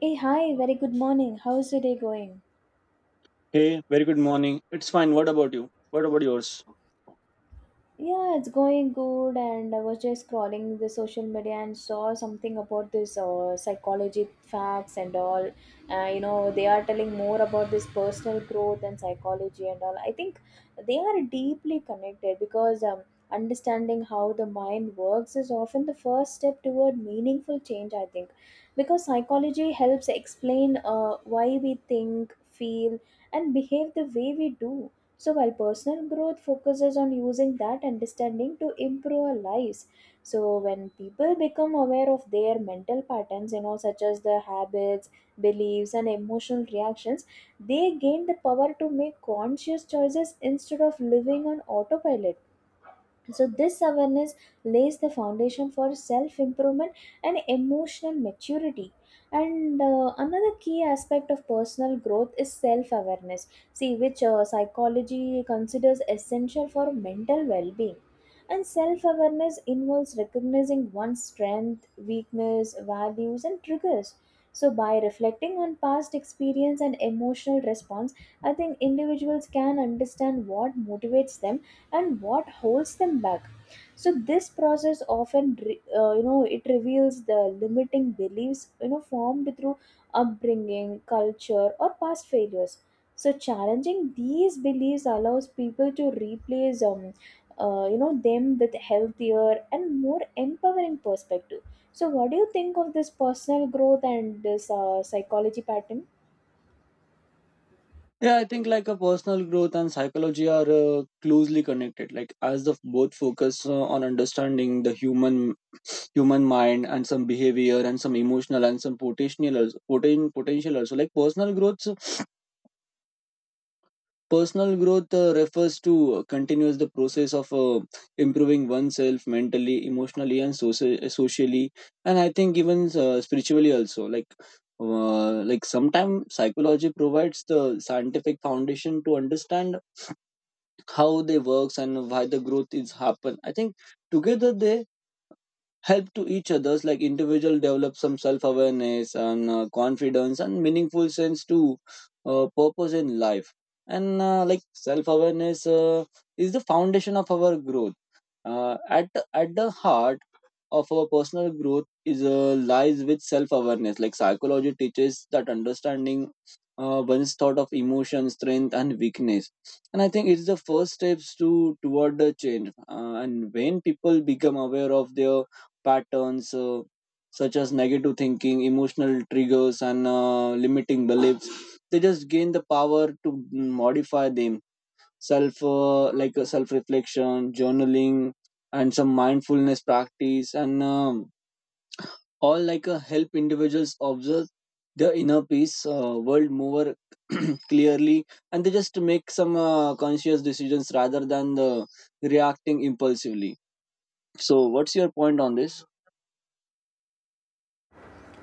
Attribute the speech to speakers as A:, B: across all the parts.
A: Hey, hi, very good morning. How's your day going?
B: Hey, very good morning. It's fine. What about you? What about yours?
A: Yeah, it's going good. And I was just scrolling the social media and saw something about this psychology facts and all. They are telling more about this personal growth and psychology and all. I think they are deeply connected because understanding how the mind works is often the first step toward meaningful change, I think. Because psychology helps explain why we think, feel, and behave the way we do. So, while personal growth focuses on using that understanding to improve our lives, so when people become aware of their mental patterns, you know, such as the habits, beliefs, and emotional reactions, they gain the power to make conscious choices instead of living on autopilot. So this awareness lays the foundation for self improvement and emotional maturity. And another key aspect of personal growth is self awareness, see, which psychology considers essential for mental well being. And self awareness involves recognizing one's strength, weakness, values and triggers. So by reflecting on past experience and emotional response, I think individuals can understand what motivates them and what holds them back. So this process often re- you know it reveals the limiting beliefs, formed through upbringing, culture or past failures. So challenging these beliefs allows people to replace them with healthier and more empowering perspective. So what do you think of this personal growth and this psychology pattern?
B: Yeah, I think like a personal growth and psychology are closely connected. Like as the both focus on understanding the human mind and some behavior and some emotional and some potential also, potential also. Like personal growth refers to continuous the process of improving oneself mentally emotionally and socially, and I think even spiritually also. Like like sometimes psychology provides the scientific foundation to understand how they works and why the growth is happen. I think together they help to each others, like individual develop some self-awareness and confidence and meaningful sense to purpose in life. And like self-awareness is the foundation of our growth. uh, at at the heart of our personal growth is lies with self awareness. Like psychology teaches that understanding one's thought of emotion strength and weakness, and I think it's the first steps to toward the change. And when people become aware of their patterns, such as negative thinking emotional triggers and limiting beliefs, they just gain the power to modify them. Self like a self reflection journaling and some mindfulness practice and all, like help individuals observe the inner peace world more clearly, and they just make some conscious decisions rather than the reacting impulsively. So what's your point on this?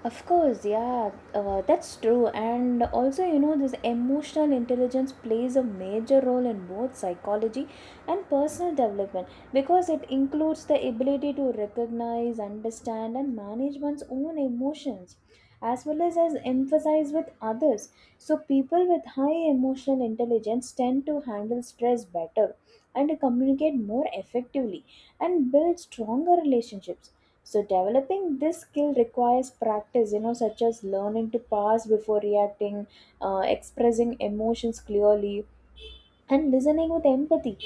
A: Of course, yeah, that's true. And also, you know, this emotional intelligence plays a major role in both psychology and personal development because it includes the ability to recognize, understand, and manage one's own emotions as well as emphasize with others. So, people with high emotional intelligence tend to handle stress better and communicate more effectively and build stronger relationships. So developing this skill requires practice, you know, such as learning to pause before reacting, expressing emotions clearly, and listening with empathy.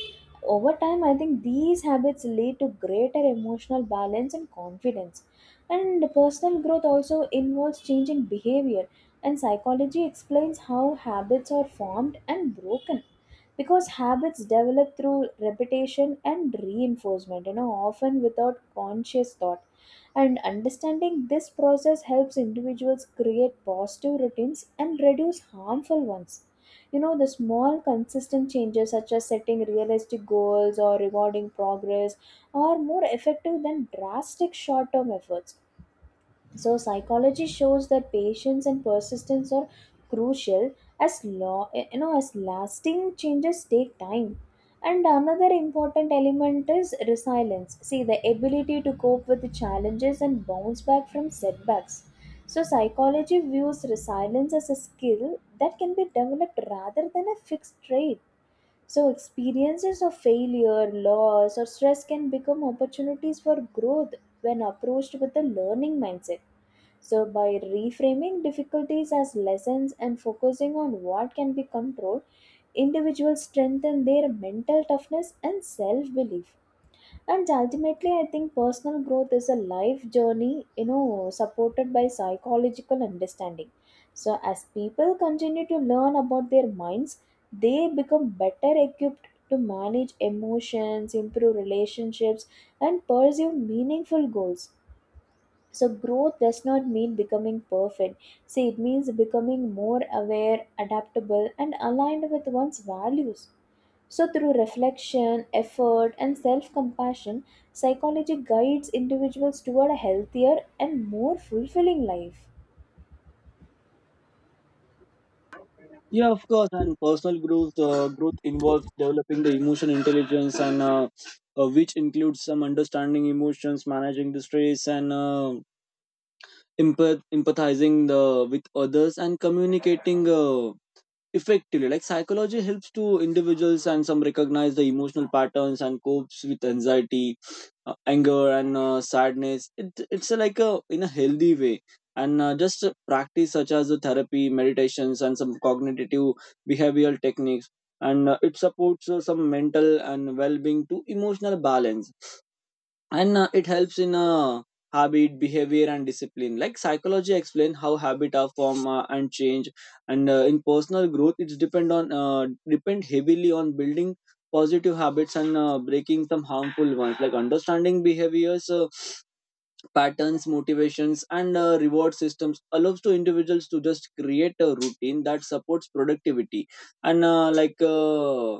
A: Over time, I think these habits lead to greater emotional balance and confidence. And personal growth also involves changing behavior, and psychology explains how habits are formed and broken, because habits develop through repetition and reinforcement, you know, often without conscious thought. And understanding this process helps individuals create positive routines and reduce harmful ones. You know, the small consistent changes such as setting realistic goals or rewarding progress are more effective than drastic short term efforts. So psychology shows that patience and persistence are crucial, as law you know as lasting changes take time. And another important element is resilience. See, the ability to cope with the challenges and bounce back from setbacks. So psychology views resilience as a skill that can be developed rather than a fixed trait. So experiences of failure, loss, or stress can become opportunities for growth when approached with a learning mindset. So, by reframing difficulties as lessons and focusing on what can be controlled, individuals strengthen their mental toughness and self belief. And ultimately I think personal growth is a life journey, you know, supported by psychological understanding. So as people continue to learn about their minds, they become better equipped to manage emotions, improve relationships, and pursue meaningful goals. So growth does not mean becoming perfect. See, it means becoming more aware, adaptable and aligned with one's values. So through reflection, effort and self-compassion, psychology guides individuals toward a healthier and more fulfilling life.
B: Yeah, of course. And personal growth growth involves developing the emotion intelligence and which includes some understanding emotions managing the stress and empathizing the, with others and communicating effectively. Like psychology helps to individuals and some recognize the emotional patterns and copes with anxiety, anger and sadness, it's a, like a in a healthy way. And just practice such as the therapy meditations and some cognitive behavioral techniques. And it supports some mental and well-being to emotional balance. And it helps in habit behavior and discipline. Like psychology explain how habit are form and change. And in personal growth it's depend on depend heavily on building positive habits and breaking some harmful ones. Like understanding behaviors patterns motivations and reward systems allows to individuals to just create a routine that supports productivity. And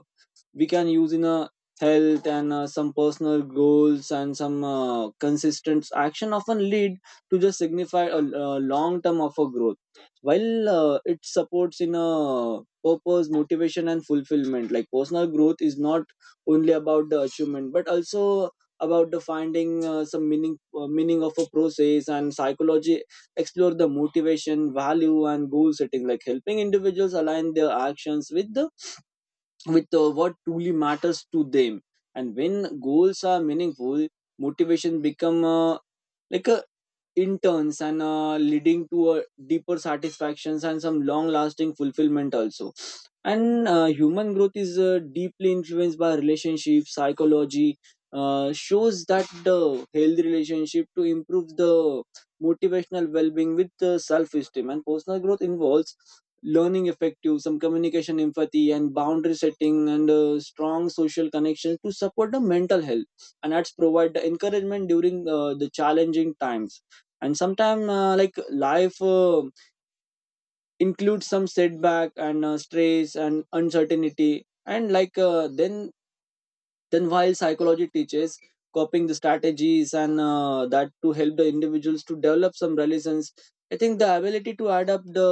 B: we can use in a health and some personal goals and some consistent action often lead to just signify a long term of a growth, while it supports in a purpose motivation and fulfillment. Like personal growth is not only about the achievement but also about the finding some meaning of a process, and psychology explore the motivation value and goal setting, like helping individuals align their actions with the with what truly matters to them. And when goals are meaningful, motivation become like a interns, and leading to a deeper satisfactions and some long lasting fulfillment also. And human growth is deeply influenced by relationships. Psychology shows that the healthy relationship to improve the motivational well-being with the self-esteem, and personal growth involves learning effective some communication empathy and boundary setting, and strong social connections to support the mental health, and that's provide the encouragement during the challenging times. And sometimes like life include some setback and stress and uncertainty, and like then while psychology teaches coping the strategies, and that to help the individuals to develop some resilience, I think the ability to adapt the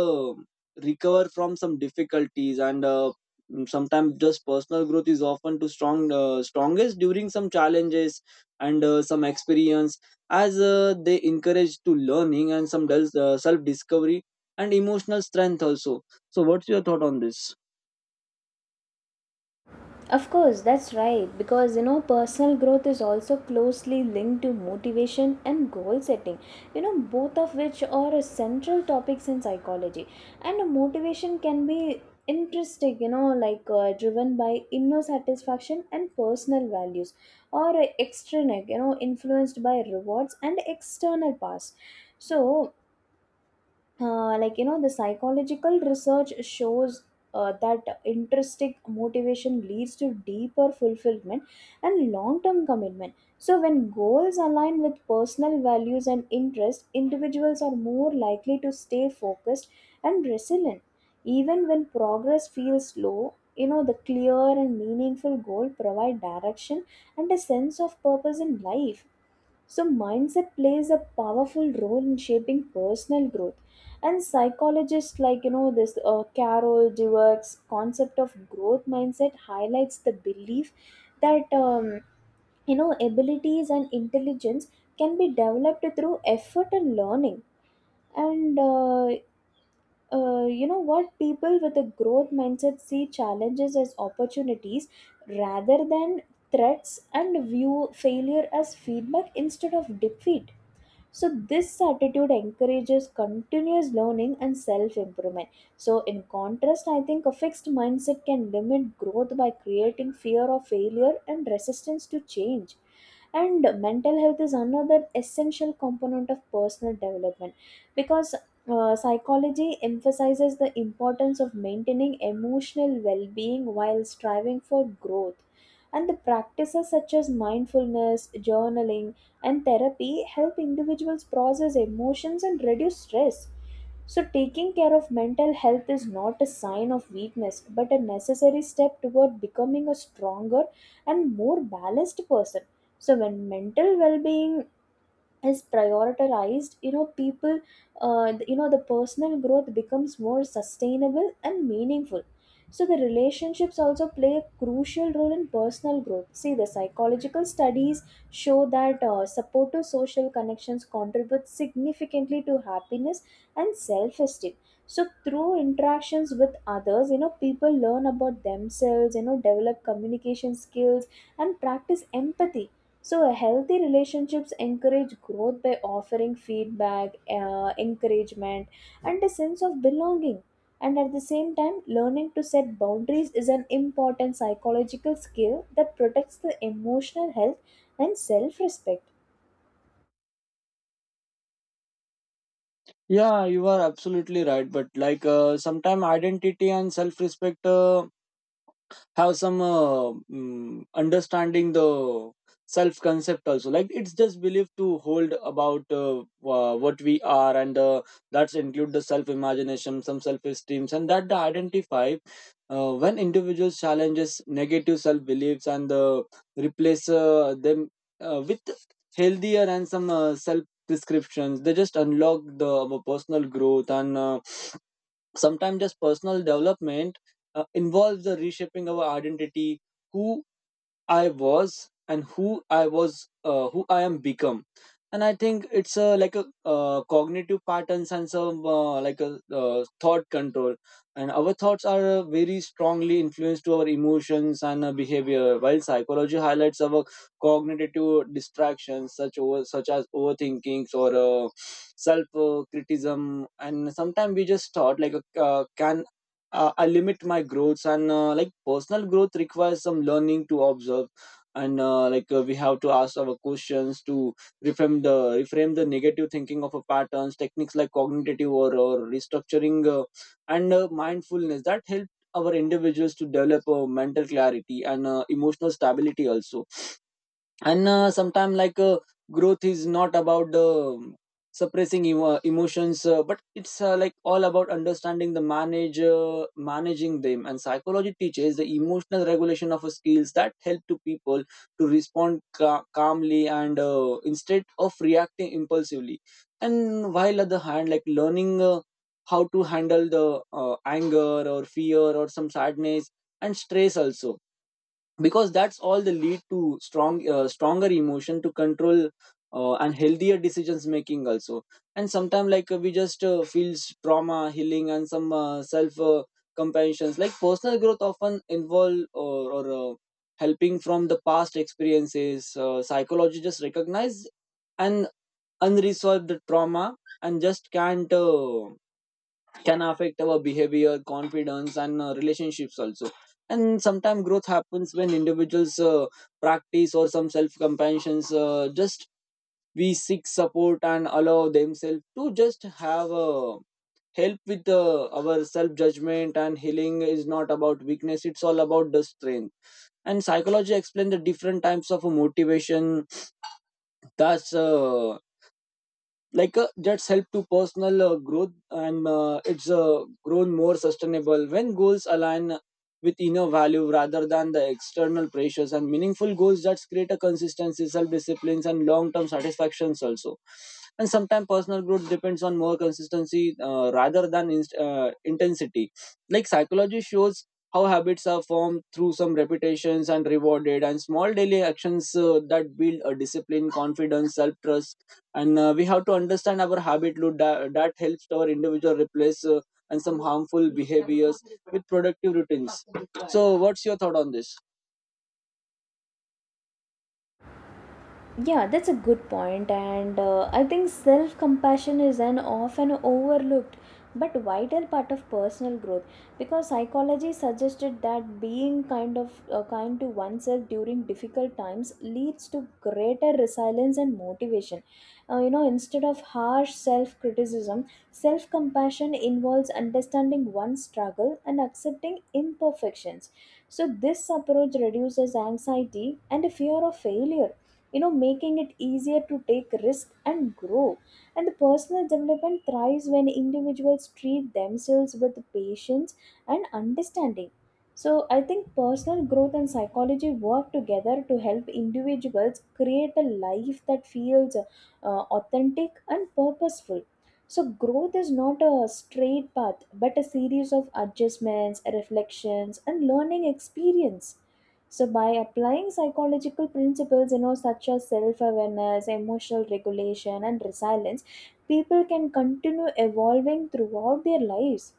B: recover from some difficulties. And sometimes just personal growth is often to strongest during some challenges and some experience, as they encourage to learning and some self discovery and emotional strength also. So what's your thought on this?
A: Of course, that's right. Because you know, personal growth is also closely linked to motivation and goal setting. You know, both of which are central topics in psychology. And motivation can be interesting, you know, like driven by inner satisfaction and personal values, or extrinsic, you know, influenced by rewards and external past. So, like, you know, the psychological research shows that intrinsic motivation leads to deeper fulfillment and long-term commitment. So when goals align with personal values and interests, individuals are more likely to stay focused and resilient even when progress feels slow. You know, the clear and meaningful goal provide direction and a sense of purpose in life. So, mindset plays a powerful role in shaping personal growth. And psychologists like, you know, this Carol Dweck's concept of growth mindset highlights the belief that abilities and intelligence can be developed through effort and learning. And what people with a growth mindset see challenges as opportunities rather than threats and view failure as feedback instead of defeat. So this attitude encourages continuous learning and self improvement. So in contrast, I think a fixed mindset can limit growth by creating fear of failure and resistance to change. And mental health is another essential component of personal development, because psychology emphasizes the importance of maintaining emotional well being while striving for growth. And the practices such as mindfulness, journaling, and therapy help individuals process emotions and reduce stress. So, taking care of mental health is not a sign of weakness but a necessary step toward becoming a stronger and more balanced person. So, when mental well being is prioritized, you know, the personal growth becomes more sustainable and meaningful. So the relationships also play a crucial role in personal growth. See, the psychological studies show that supportive social connections contribute significantly to happiness and self-esteem. So through interactions with others, you know, people learn about themselves, you know, develop communication skills and practice empathy. So, a healthy relationships encourage growth by offering feedback, encouragement, and a sense of belonging. And at the same time, learning to set boundaries is an important psychological skill that protects the emotional health and self respect.
B: Yeah, you are absolutely right. But like sometime identity and self respect. Have some understanding the self concept also, like it's just belief to hold about what we are, and that's include the self imagination some self esteems and that the identify. When individuals challenges negative self beliefs and replace them with healthier and some self prescriptions, they just unlock the our personal growth. And sometimes just personal development involves the reshaping our identity. Who I was and who I am become. And I think it's a like a cognitive patterns and some like a thought control. And our thoughts are very strongly influenced to our emotions and behavior, while psychology highlights our cognitive distractions, such as overthinkings or self criticism. And sometimes we just thought like a can I limit my growths, and like personal growth requires some learning to observe. And we have to ask our questions to reframe the reframe the negative thinking of a patterns techniques, like cognitive or restructuring and mindfulness that help our individuals to develop mental clarity and emotional stability also. And sometimes growth is not about suppressing emotions, but it's like all about understanding the manage managing them. And psychology teaches the emotional regulation of skills that help to people to respond calmly and instead of reacting impulsively. And while at the hand, like learning how to handle the anger or fear or some sadness and stress also, because that's all the lead to stronger emotion to control and healthier decisions making also. And sometimes like we just feels trauma healing and some self compassions. Like personal growth often involve or helping from the past experiences. Psychology just recognize an unresolved trauma, and just can't can affect our behavior, confidence, and relationships also. And sometimes growth happens when individuals practice or some self compassion. Just we seek support and allow themselves to just have help with our self judgment, and healing is not about weakness, it's all about the strength. And psychology explains the different types of motivation that's that's help to personal growth, and it's grown more sustainable when goals align with inner value rather than the external pressures, and meaningful goals that create a consistency self disciplines and long term satisfactions also. And sometimes personal growth depends on more consistency rather than intensity. Like psychology shows how habits are formed through some repetitions and rewarded, and small daily actions that build a discipline confidence self trust. And we have to understand our habit loop, that helps our individual replace and some harmful behaviors with productive routines. So what's your thought on this?
A: Yeah, that's a good point, and I think self compassion is an often overlooked but vital part of personal growth, because psychology suggested that being kind to oneself during difficult times leads to greater resilience and motivation. Instead of harsh self criticism, self compassion involves understanding one's struggle and accepting imperfections. So, this approach reduces anxiety and fear of failure, you know, making it easier to take risk and grow. And the personal development thrives when individuals treat themselves with patience and understanding. So I think personal growth and psychology work together to help individuals create a life that feels authentic and purposeful. So growth is not a straight path but a series of adjustments, reflections and learning experience. So, by applying psychological principles, you know, such as self awareness, emotional regulation, and resilience, people can continue evolving throughout their lives.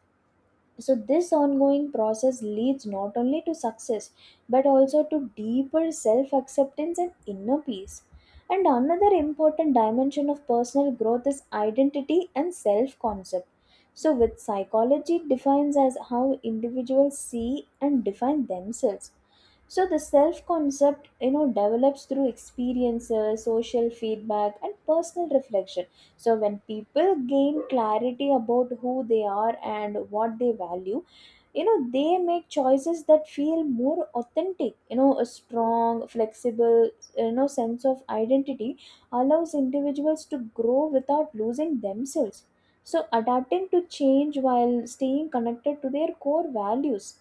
A: So, this ongoing process leads not only to success but also to deeper self acceptance and inner peace. And another important dimension of personal growth is identity and self concept. So, with psychology, defines as how individuals see and define themselves. So, the self concept, you know, develops through experiences, social feedback, and personal reflection. So when people gain clarity about who they are and what they value, you know, they make choices that feel more authentic. You know, a strong, flexible, you know, sense of identity allows individuals to grow without losing themselves. So adapting to change while staying connected to their core values.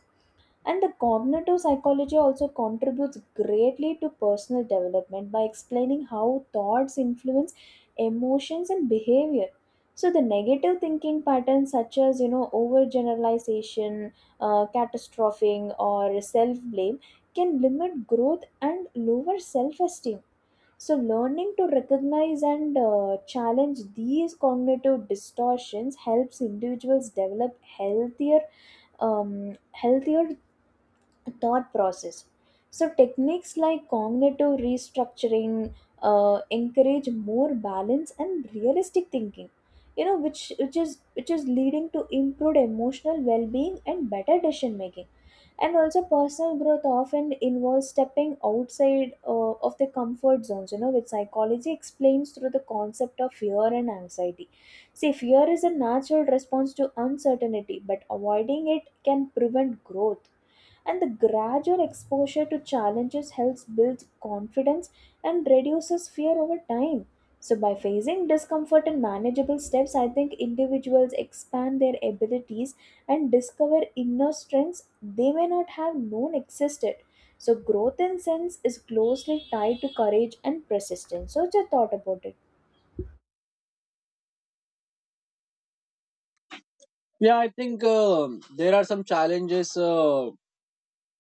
A: And the cognitive psychology also contributes greatly to personal development by explaining how thoughts influence emotions and behavior. So the negative thinking patterns such as, you know, overgeneralization, catastrophing or self-blame can limit growth and lower self-esteem. So learning to recognize and challenge these cognitive distortions helps individuals develop healthier thought process. So, techniques like cognitive restructuring encourage more balance and realistic thinking. Which is leading to improved emotional well-being and better decision making. And also, personal growth often involves stepping outside of the comfort zones. You know, which psychology explains through the concept of fear and anxiety. See, fear is a natural response to uncertainty, but avoiding it can prevent growth. And the gradual exposure to challenges helps build confidence and reduces fear over time. So, by facing discomfort in manageable steps, I think individuals expand their abilities and discover inner strengths they may not have known existed. So, growth in sense is closely tied to courage and persistence. So, just thought about it.
B: Yeah, I think there are some challenges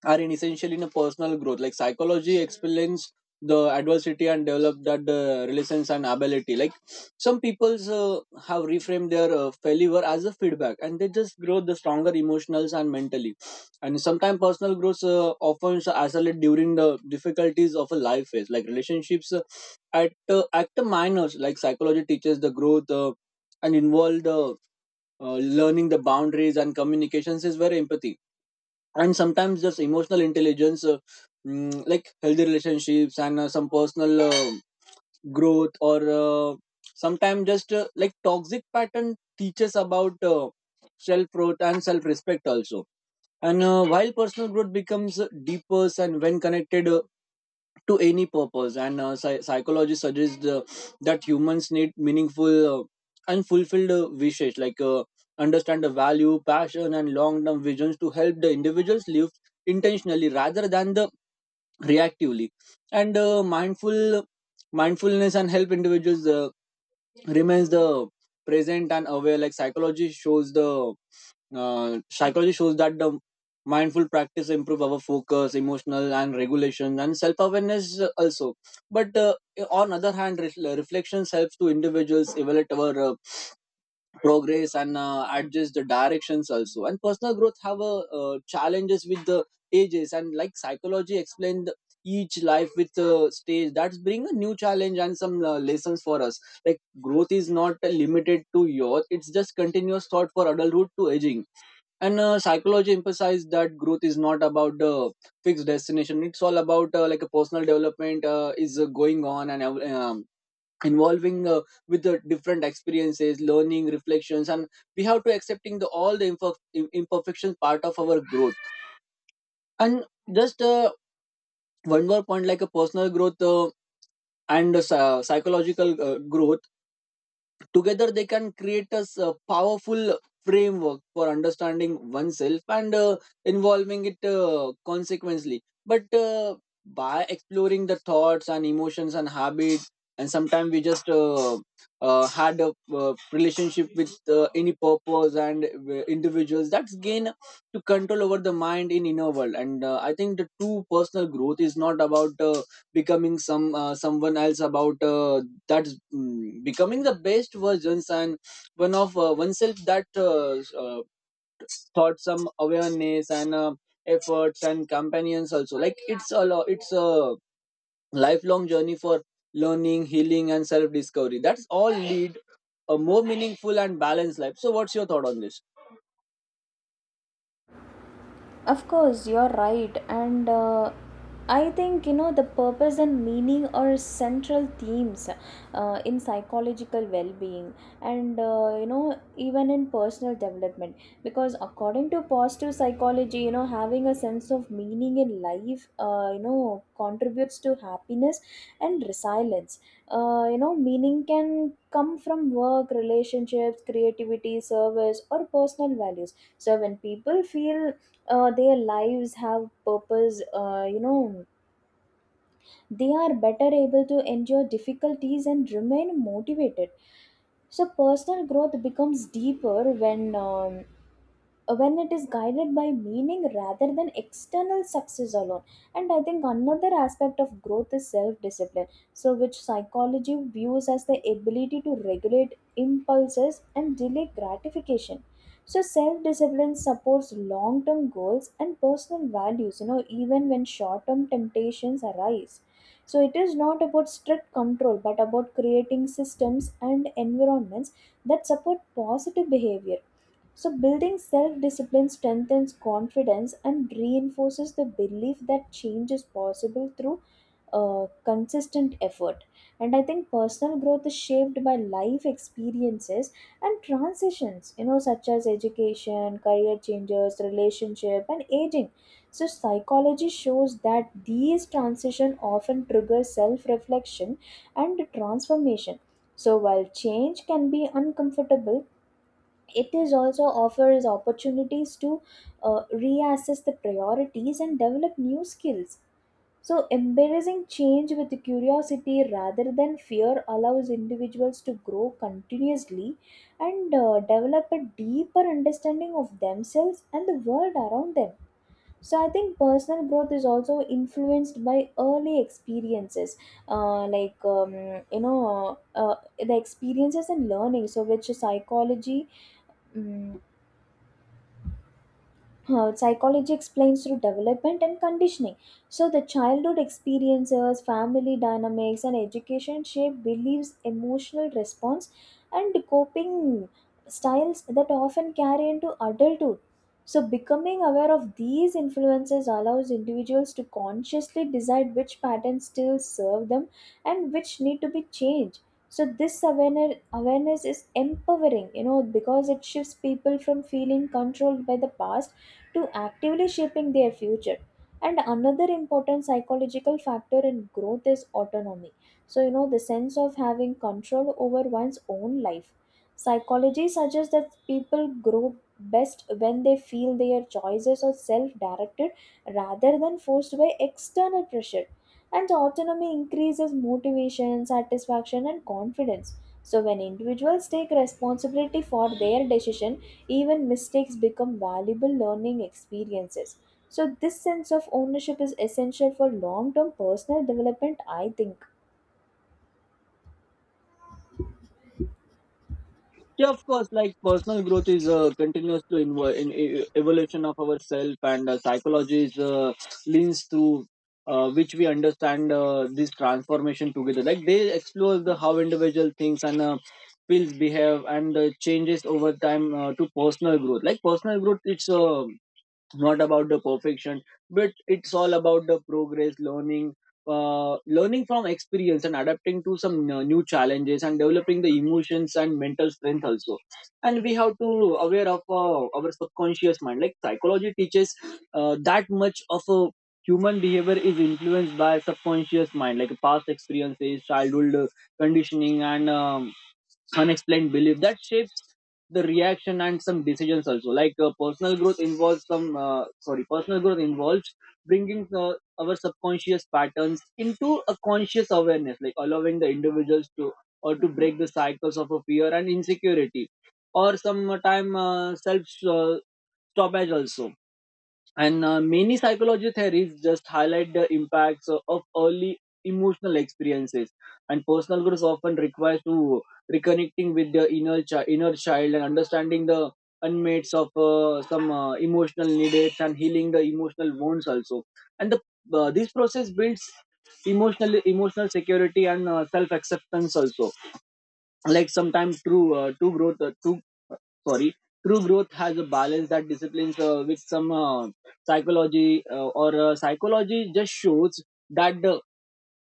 B: are in essential in a personal growth. Like psychology explains the adversity and develop that resilience and ability. Like some people's have reframed their failure as a feedback, and they just grow the stronger emotionals and mentally. And sometimes personal growth often isolate during the difficulties of a life phase, like relationships at the minors. Like psychology teaches the growth and involve the learning the boundaries and communications is very empathy. And sometimes just emotional intelligence like healthy relationships and some personal growth or sometimes just like toxic pattern teaches about self growth and self respect also. And while personal growth becomes deeper and when connected to any purpose, and psychology suggests that humans need meaningful and fulfilled wishes, like understand the value, passion, and long-term visions to help the individuals live intentionally rather than the reactively. And mindfulness and help individuals remains the present and aware. Like psychology shows that the mindful practice improve our focus emotional and regulation and self-awareness also. But on other hand reflections helps to individuals evaluate our progress and adjust the directions also. And personal growth have challenges with the ages. And like psychology explained, each life with a stage that's bring a new challenge and some lessons for us. Like growth is not limited to youth, it's just continuous thought for adulthood to aging. And psychology emphasized that growth is not about the fixed destination, it's all about like a personal development is going on and involving with the different experiences learning reflections. And we have to accepting the all the imperfections part of our growth. And just one more point, like a personal growth and psychological growth together, they can create a powerful framework for understanding oneself and involving it consequently. But by exploring the thoughts and emotions and habits, and sometimes we just had a relationship with any purpose, and individuals that's gain to control over the mind in inner world. And I think the true personal growth is not about becoming some someone else, about that's becoming the best versions and one of oneself that uh, thought some awareness and efforts and companions also. Like it's a lifelong journey for learning healing and self discovery that's all lead a more meaningful and balanced life. So what's your thought on this?
A: Of course, you're right. And I think, you know, the purpose and meaning are central themes in psychological well being and, you know, even in personal development. Because according to positive psychology, you know, having a sense of meaning in life, you know, contributes to happiness and resilience. You know, meaning can come from work, relationships, creativity, service, or personal values. So when people feel their lives have purpose, you know, they are better able to endure difficulties and remain motivated. So personal growth becomes deeper when um, when it is guided by meaning rather than external success alone. And I think another aspect of growth is self discipline, so which psychology views as the ability to regulate impulses and delay gratification. So self discipline supports long term goals and personal values, you know, even when short term temptations arise. So it is not about strict control but about creating systems and environments that support positive behavior. So, building self discipline strengthens confidence and reinforces the belief that change is possible through consistent effort. And I think personal growth is shaped by life experiences and transitions, you know, such as education, career changes, relationship, and aging. So, psychology shows that these transitions often trigger self reflection and transformation. So, while change can be uncomfortable, it is also offers opportunities to reassess the priorities and develop new skills. So embracing change with curiosity rather than fear allows individuals to grow continuously and develop a deeper understanding of themselves and the world around them. So I think personal growth is also influenced by early experiences, uh, like um, the experiences and learning, so which mm, psychology explains through development and conditioning. So, the childhood experiences, family dynamics, and education shape beliefs, emotional response, and coping styles that often carry into adulthood. So, becoming aware of these influences allows individuals to consciously decide which patterns still serve them and which need to be changed. So, this awareness is empowering, you know, because it shifts people from feeling controlled by the past to actively shaping their future. And another important psychological factor in growth is autonomy. So, you know, the sense of having control over one's own life, psychology suggests that people grow best when they feel their choices are self-directed rather than forced by external pressure. And autonomy increases motivation, satisfaction and confidence. So when individuals take responsibility for their decision, even mistakes become valuable learning experiences. So, this sense of ownership is essential for long term personal development, I think.
B: Yeah, of course, like personal growth is a continuous to evolution of ourself. And psychology is leans through which we understand this transformation together. Like they explore the how individual things and feels behave and changes over time to personal growth. Like personal growth it's not about the perfection, but it's all about the progress learning, learning from experience and adapting to some new challenges and developing the emotions and mental strength also. And we have to aware of our subconscious mind. Like psychology teaches that much of a human behavior is influenced by subconscious mind, like past experiences childhood conditioning and unexplained belief that shapes the reaction and some decisions also. Like personal growth involves some sorry, personal growth involves bringing our subconscious patterns into a conscious awareness, like allowing the individuals to or to break the cycles of a fear and insecurity or some time self uh, stoppage also. And many psychology theories just highlight the impacts of early emotional experiences. And personal growth often requires to reconnecting with the inner child, and understanding the unmates of some emotional needs and healing the emotional wounds also. And the this process builds emotional security and self acceptance also. Like sometimes true sorry true growth has a balance that disciplines with some psychology or psychology just shows that the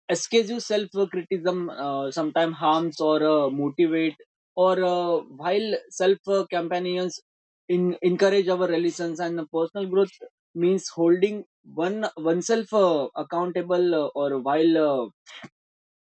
B: excessive self criticism sometimes harms or motivate or while self companions encourage our relations. And personal growth means holding one oneself accountable or while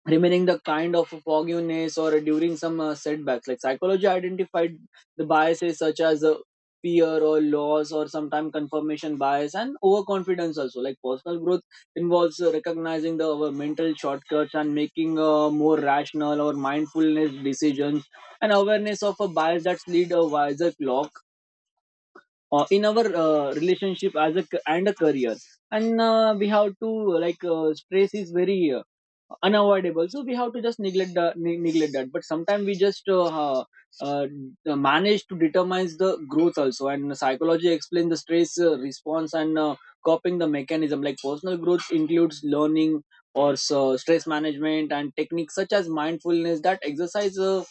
B: remaining the kind of fogginess or during some setbacks. Like psychology identified the biases such as fear or loss or sometimes confirmation bias and overconfidence also. Like personal growth involves recognizing the our mental shortcuts and making more rational or mindfulness decisions, and awareness of a bias that lead a wiser clock in our relationship as and a career. And we have to, like stress is very unavoidable so we have to just neglect that, but sometimes we just uh, manage to determine the growth also. And psychology explains the stress response and coping the mechanism. Like personal growth includes learning or so stress management and techniques such as mindfulness, that exercise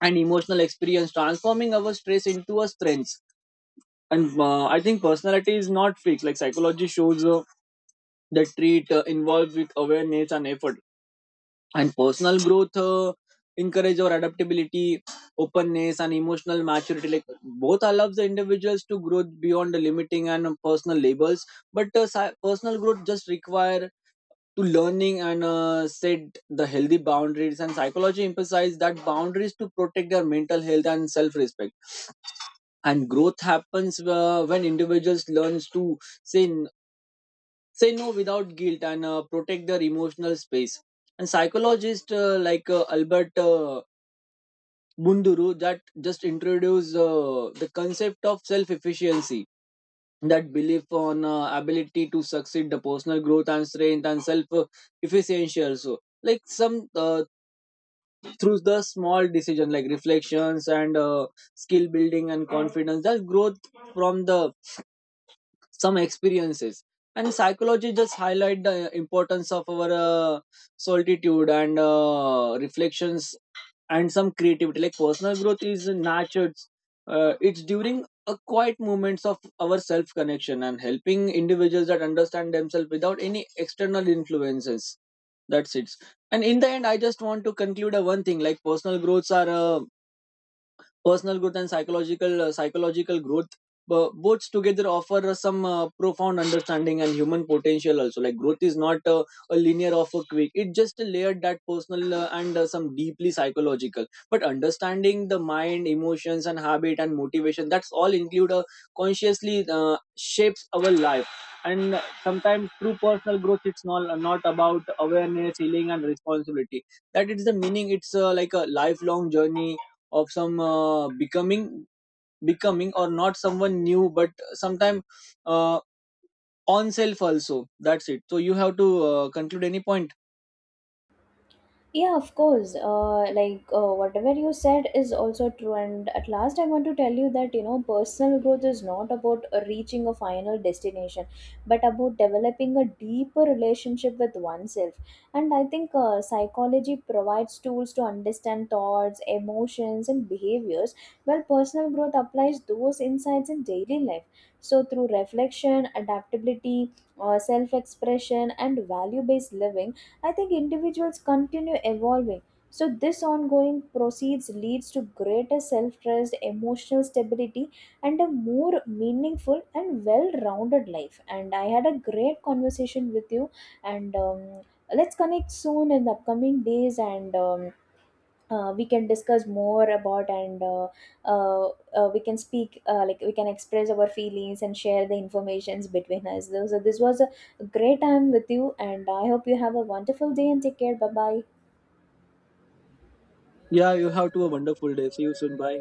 B: and emotional experience transforming our stress into a strength. And I think personality is not fixed. Like psychology shows the trait involved with awareness and effort, and personal growth encourage our adaptability openness and emotional maturity, like both allows the individuals to grow beyond the limiting and personal labels. But personal growth just require to learning and set the healthy boundaries. And psychology emphasizes that boundaries to protect their mental health and self-respect, and growth happens when individuals learns to say say no without guilt and protect their emotional space. And psychologist like Albert Munduru that just introduced the concept of self efficiency, that belief on ability to succeed the personal growth and strength and self efficiency also. Like some uh, through the small decision like reflections and skill building and confidence that growth from the some experiences. And psychology just highlight the importance of our solitude and reflections and some creativity. Like personal growth is nurtured, it's during a quiet moments of our self connection and helping individuals that understand themselves without any external influences. That's it. And in the end I just want to conclude a one thing, like personal growth and psychological growth both together offer some profound understanding and human potential also. Like growth is not a linear or a quick, it just a layered that personal and some deeply psychological, but understanding the mind emotions and habit and motivation that's all include consciously shapes our life. And sometimes true personal growth it's not about awareness healing and responsibility, that is the meaning. It's like a lifelong journey of some becoming, or not someone new, but sometime uh, on self also. That's it. So you have to conclude any point.
A: Yeah, of course. Whatever you said is also true. And at last, I want to tell you that, you know, personal growth is not about reaching a final destination, but about developing a deeper relationship with oneself. And I think psychology provides tools to understand thoughts, emotions, and behaviors, while personal growth applies those insights in daily life. So through reflection, adaptability, self-expression, and value-based living, I think individuals continue evolving. So, this ongoing proceeds leads to greater self trust, emotional stability, and a more meaningful and well rounded life. And I had a great conversation with you, and let's connect soon in the upcoming days. And we can discuss more about, and uh, we can speak, like we can express our feelings and share the informations between us. So this was a great time with you and I hope you have a wonderful day and take care, bye bye.
B: Yeah, you have to a wonderful day, see you soon, bye.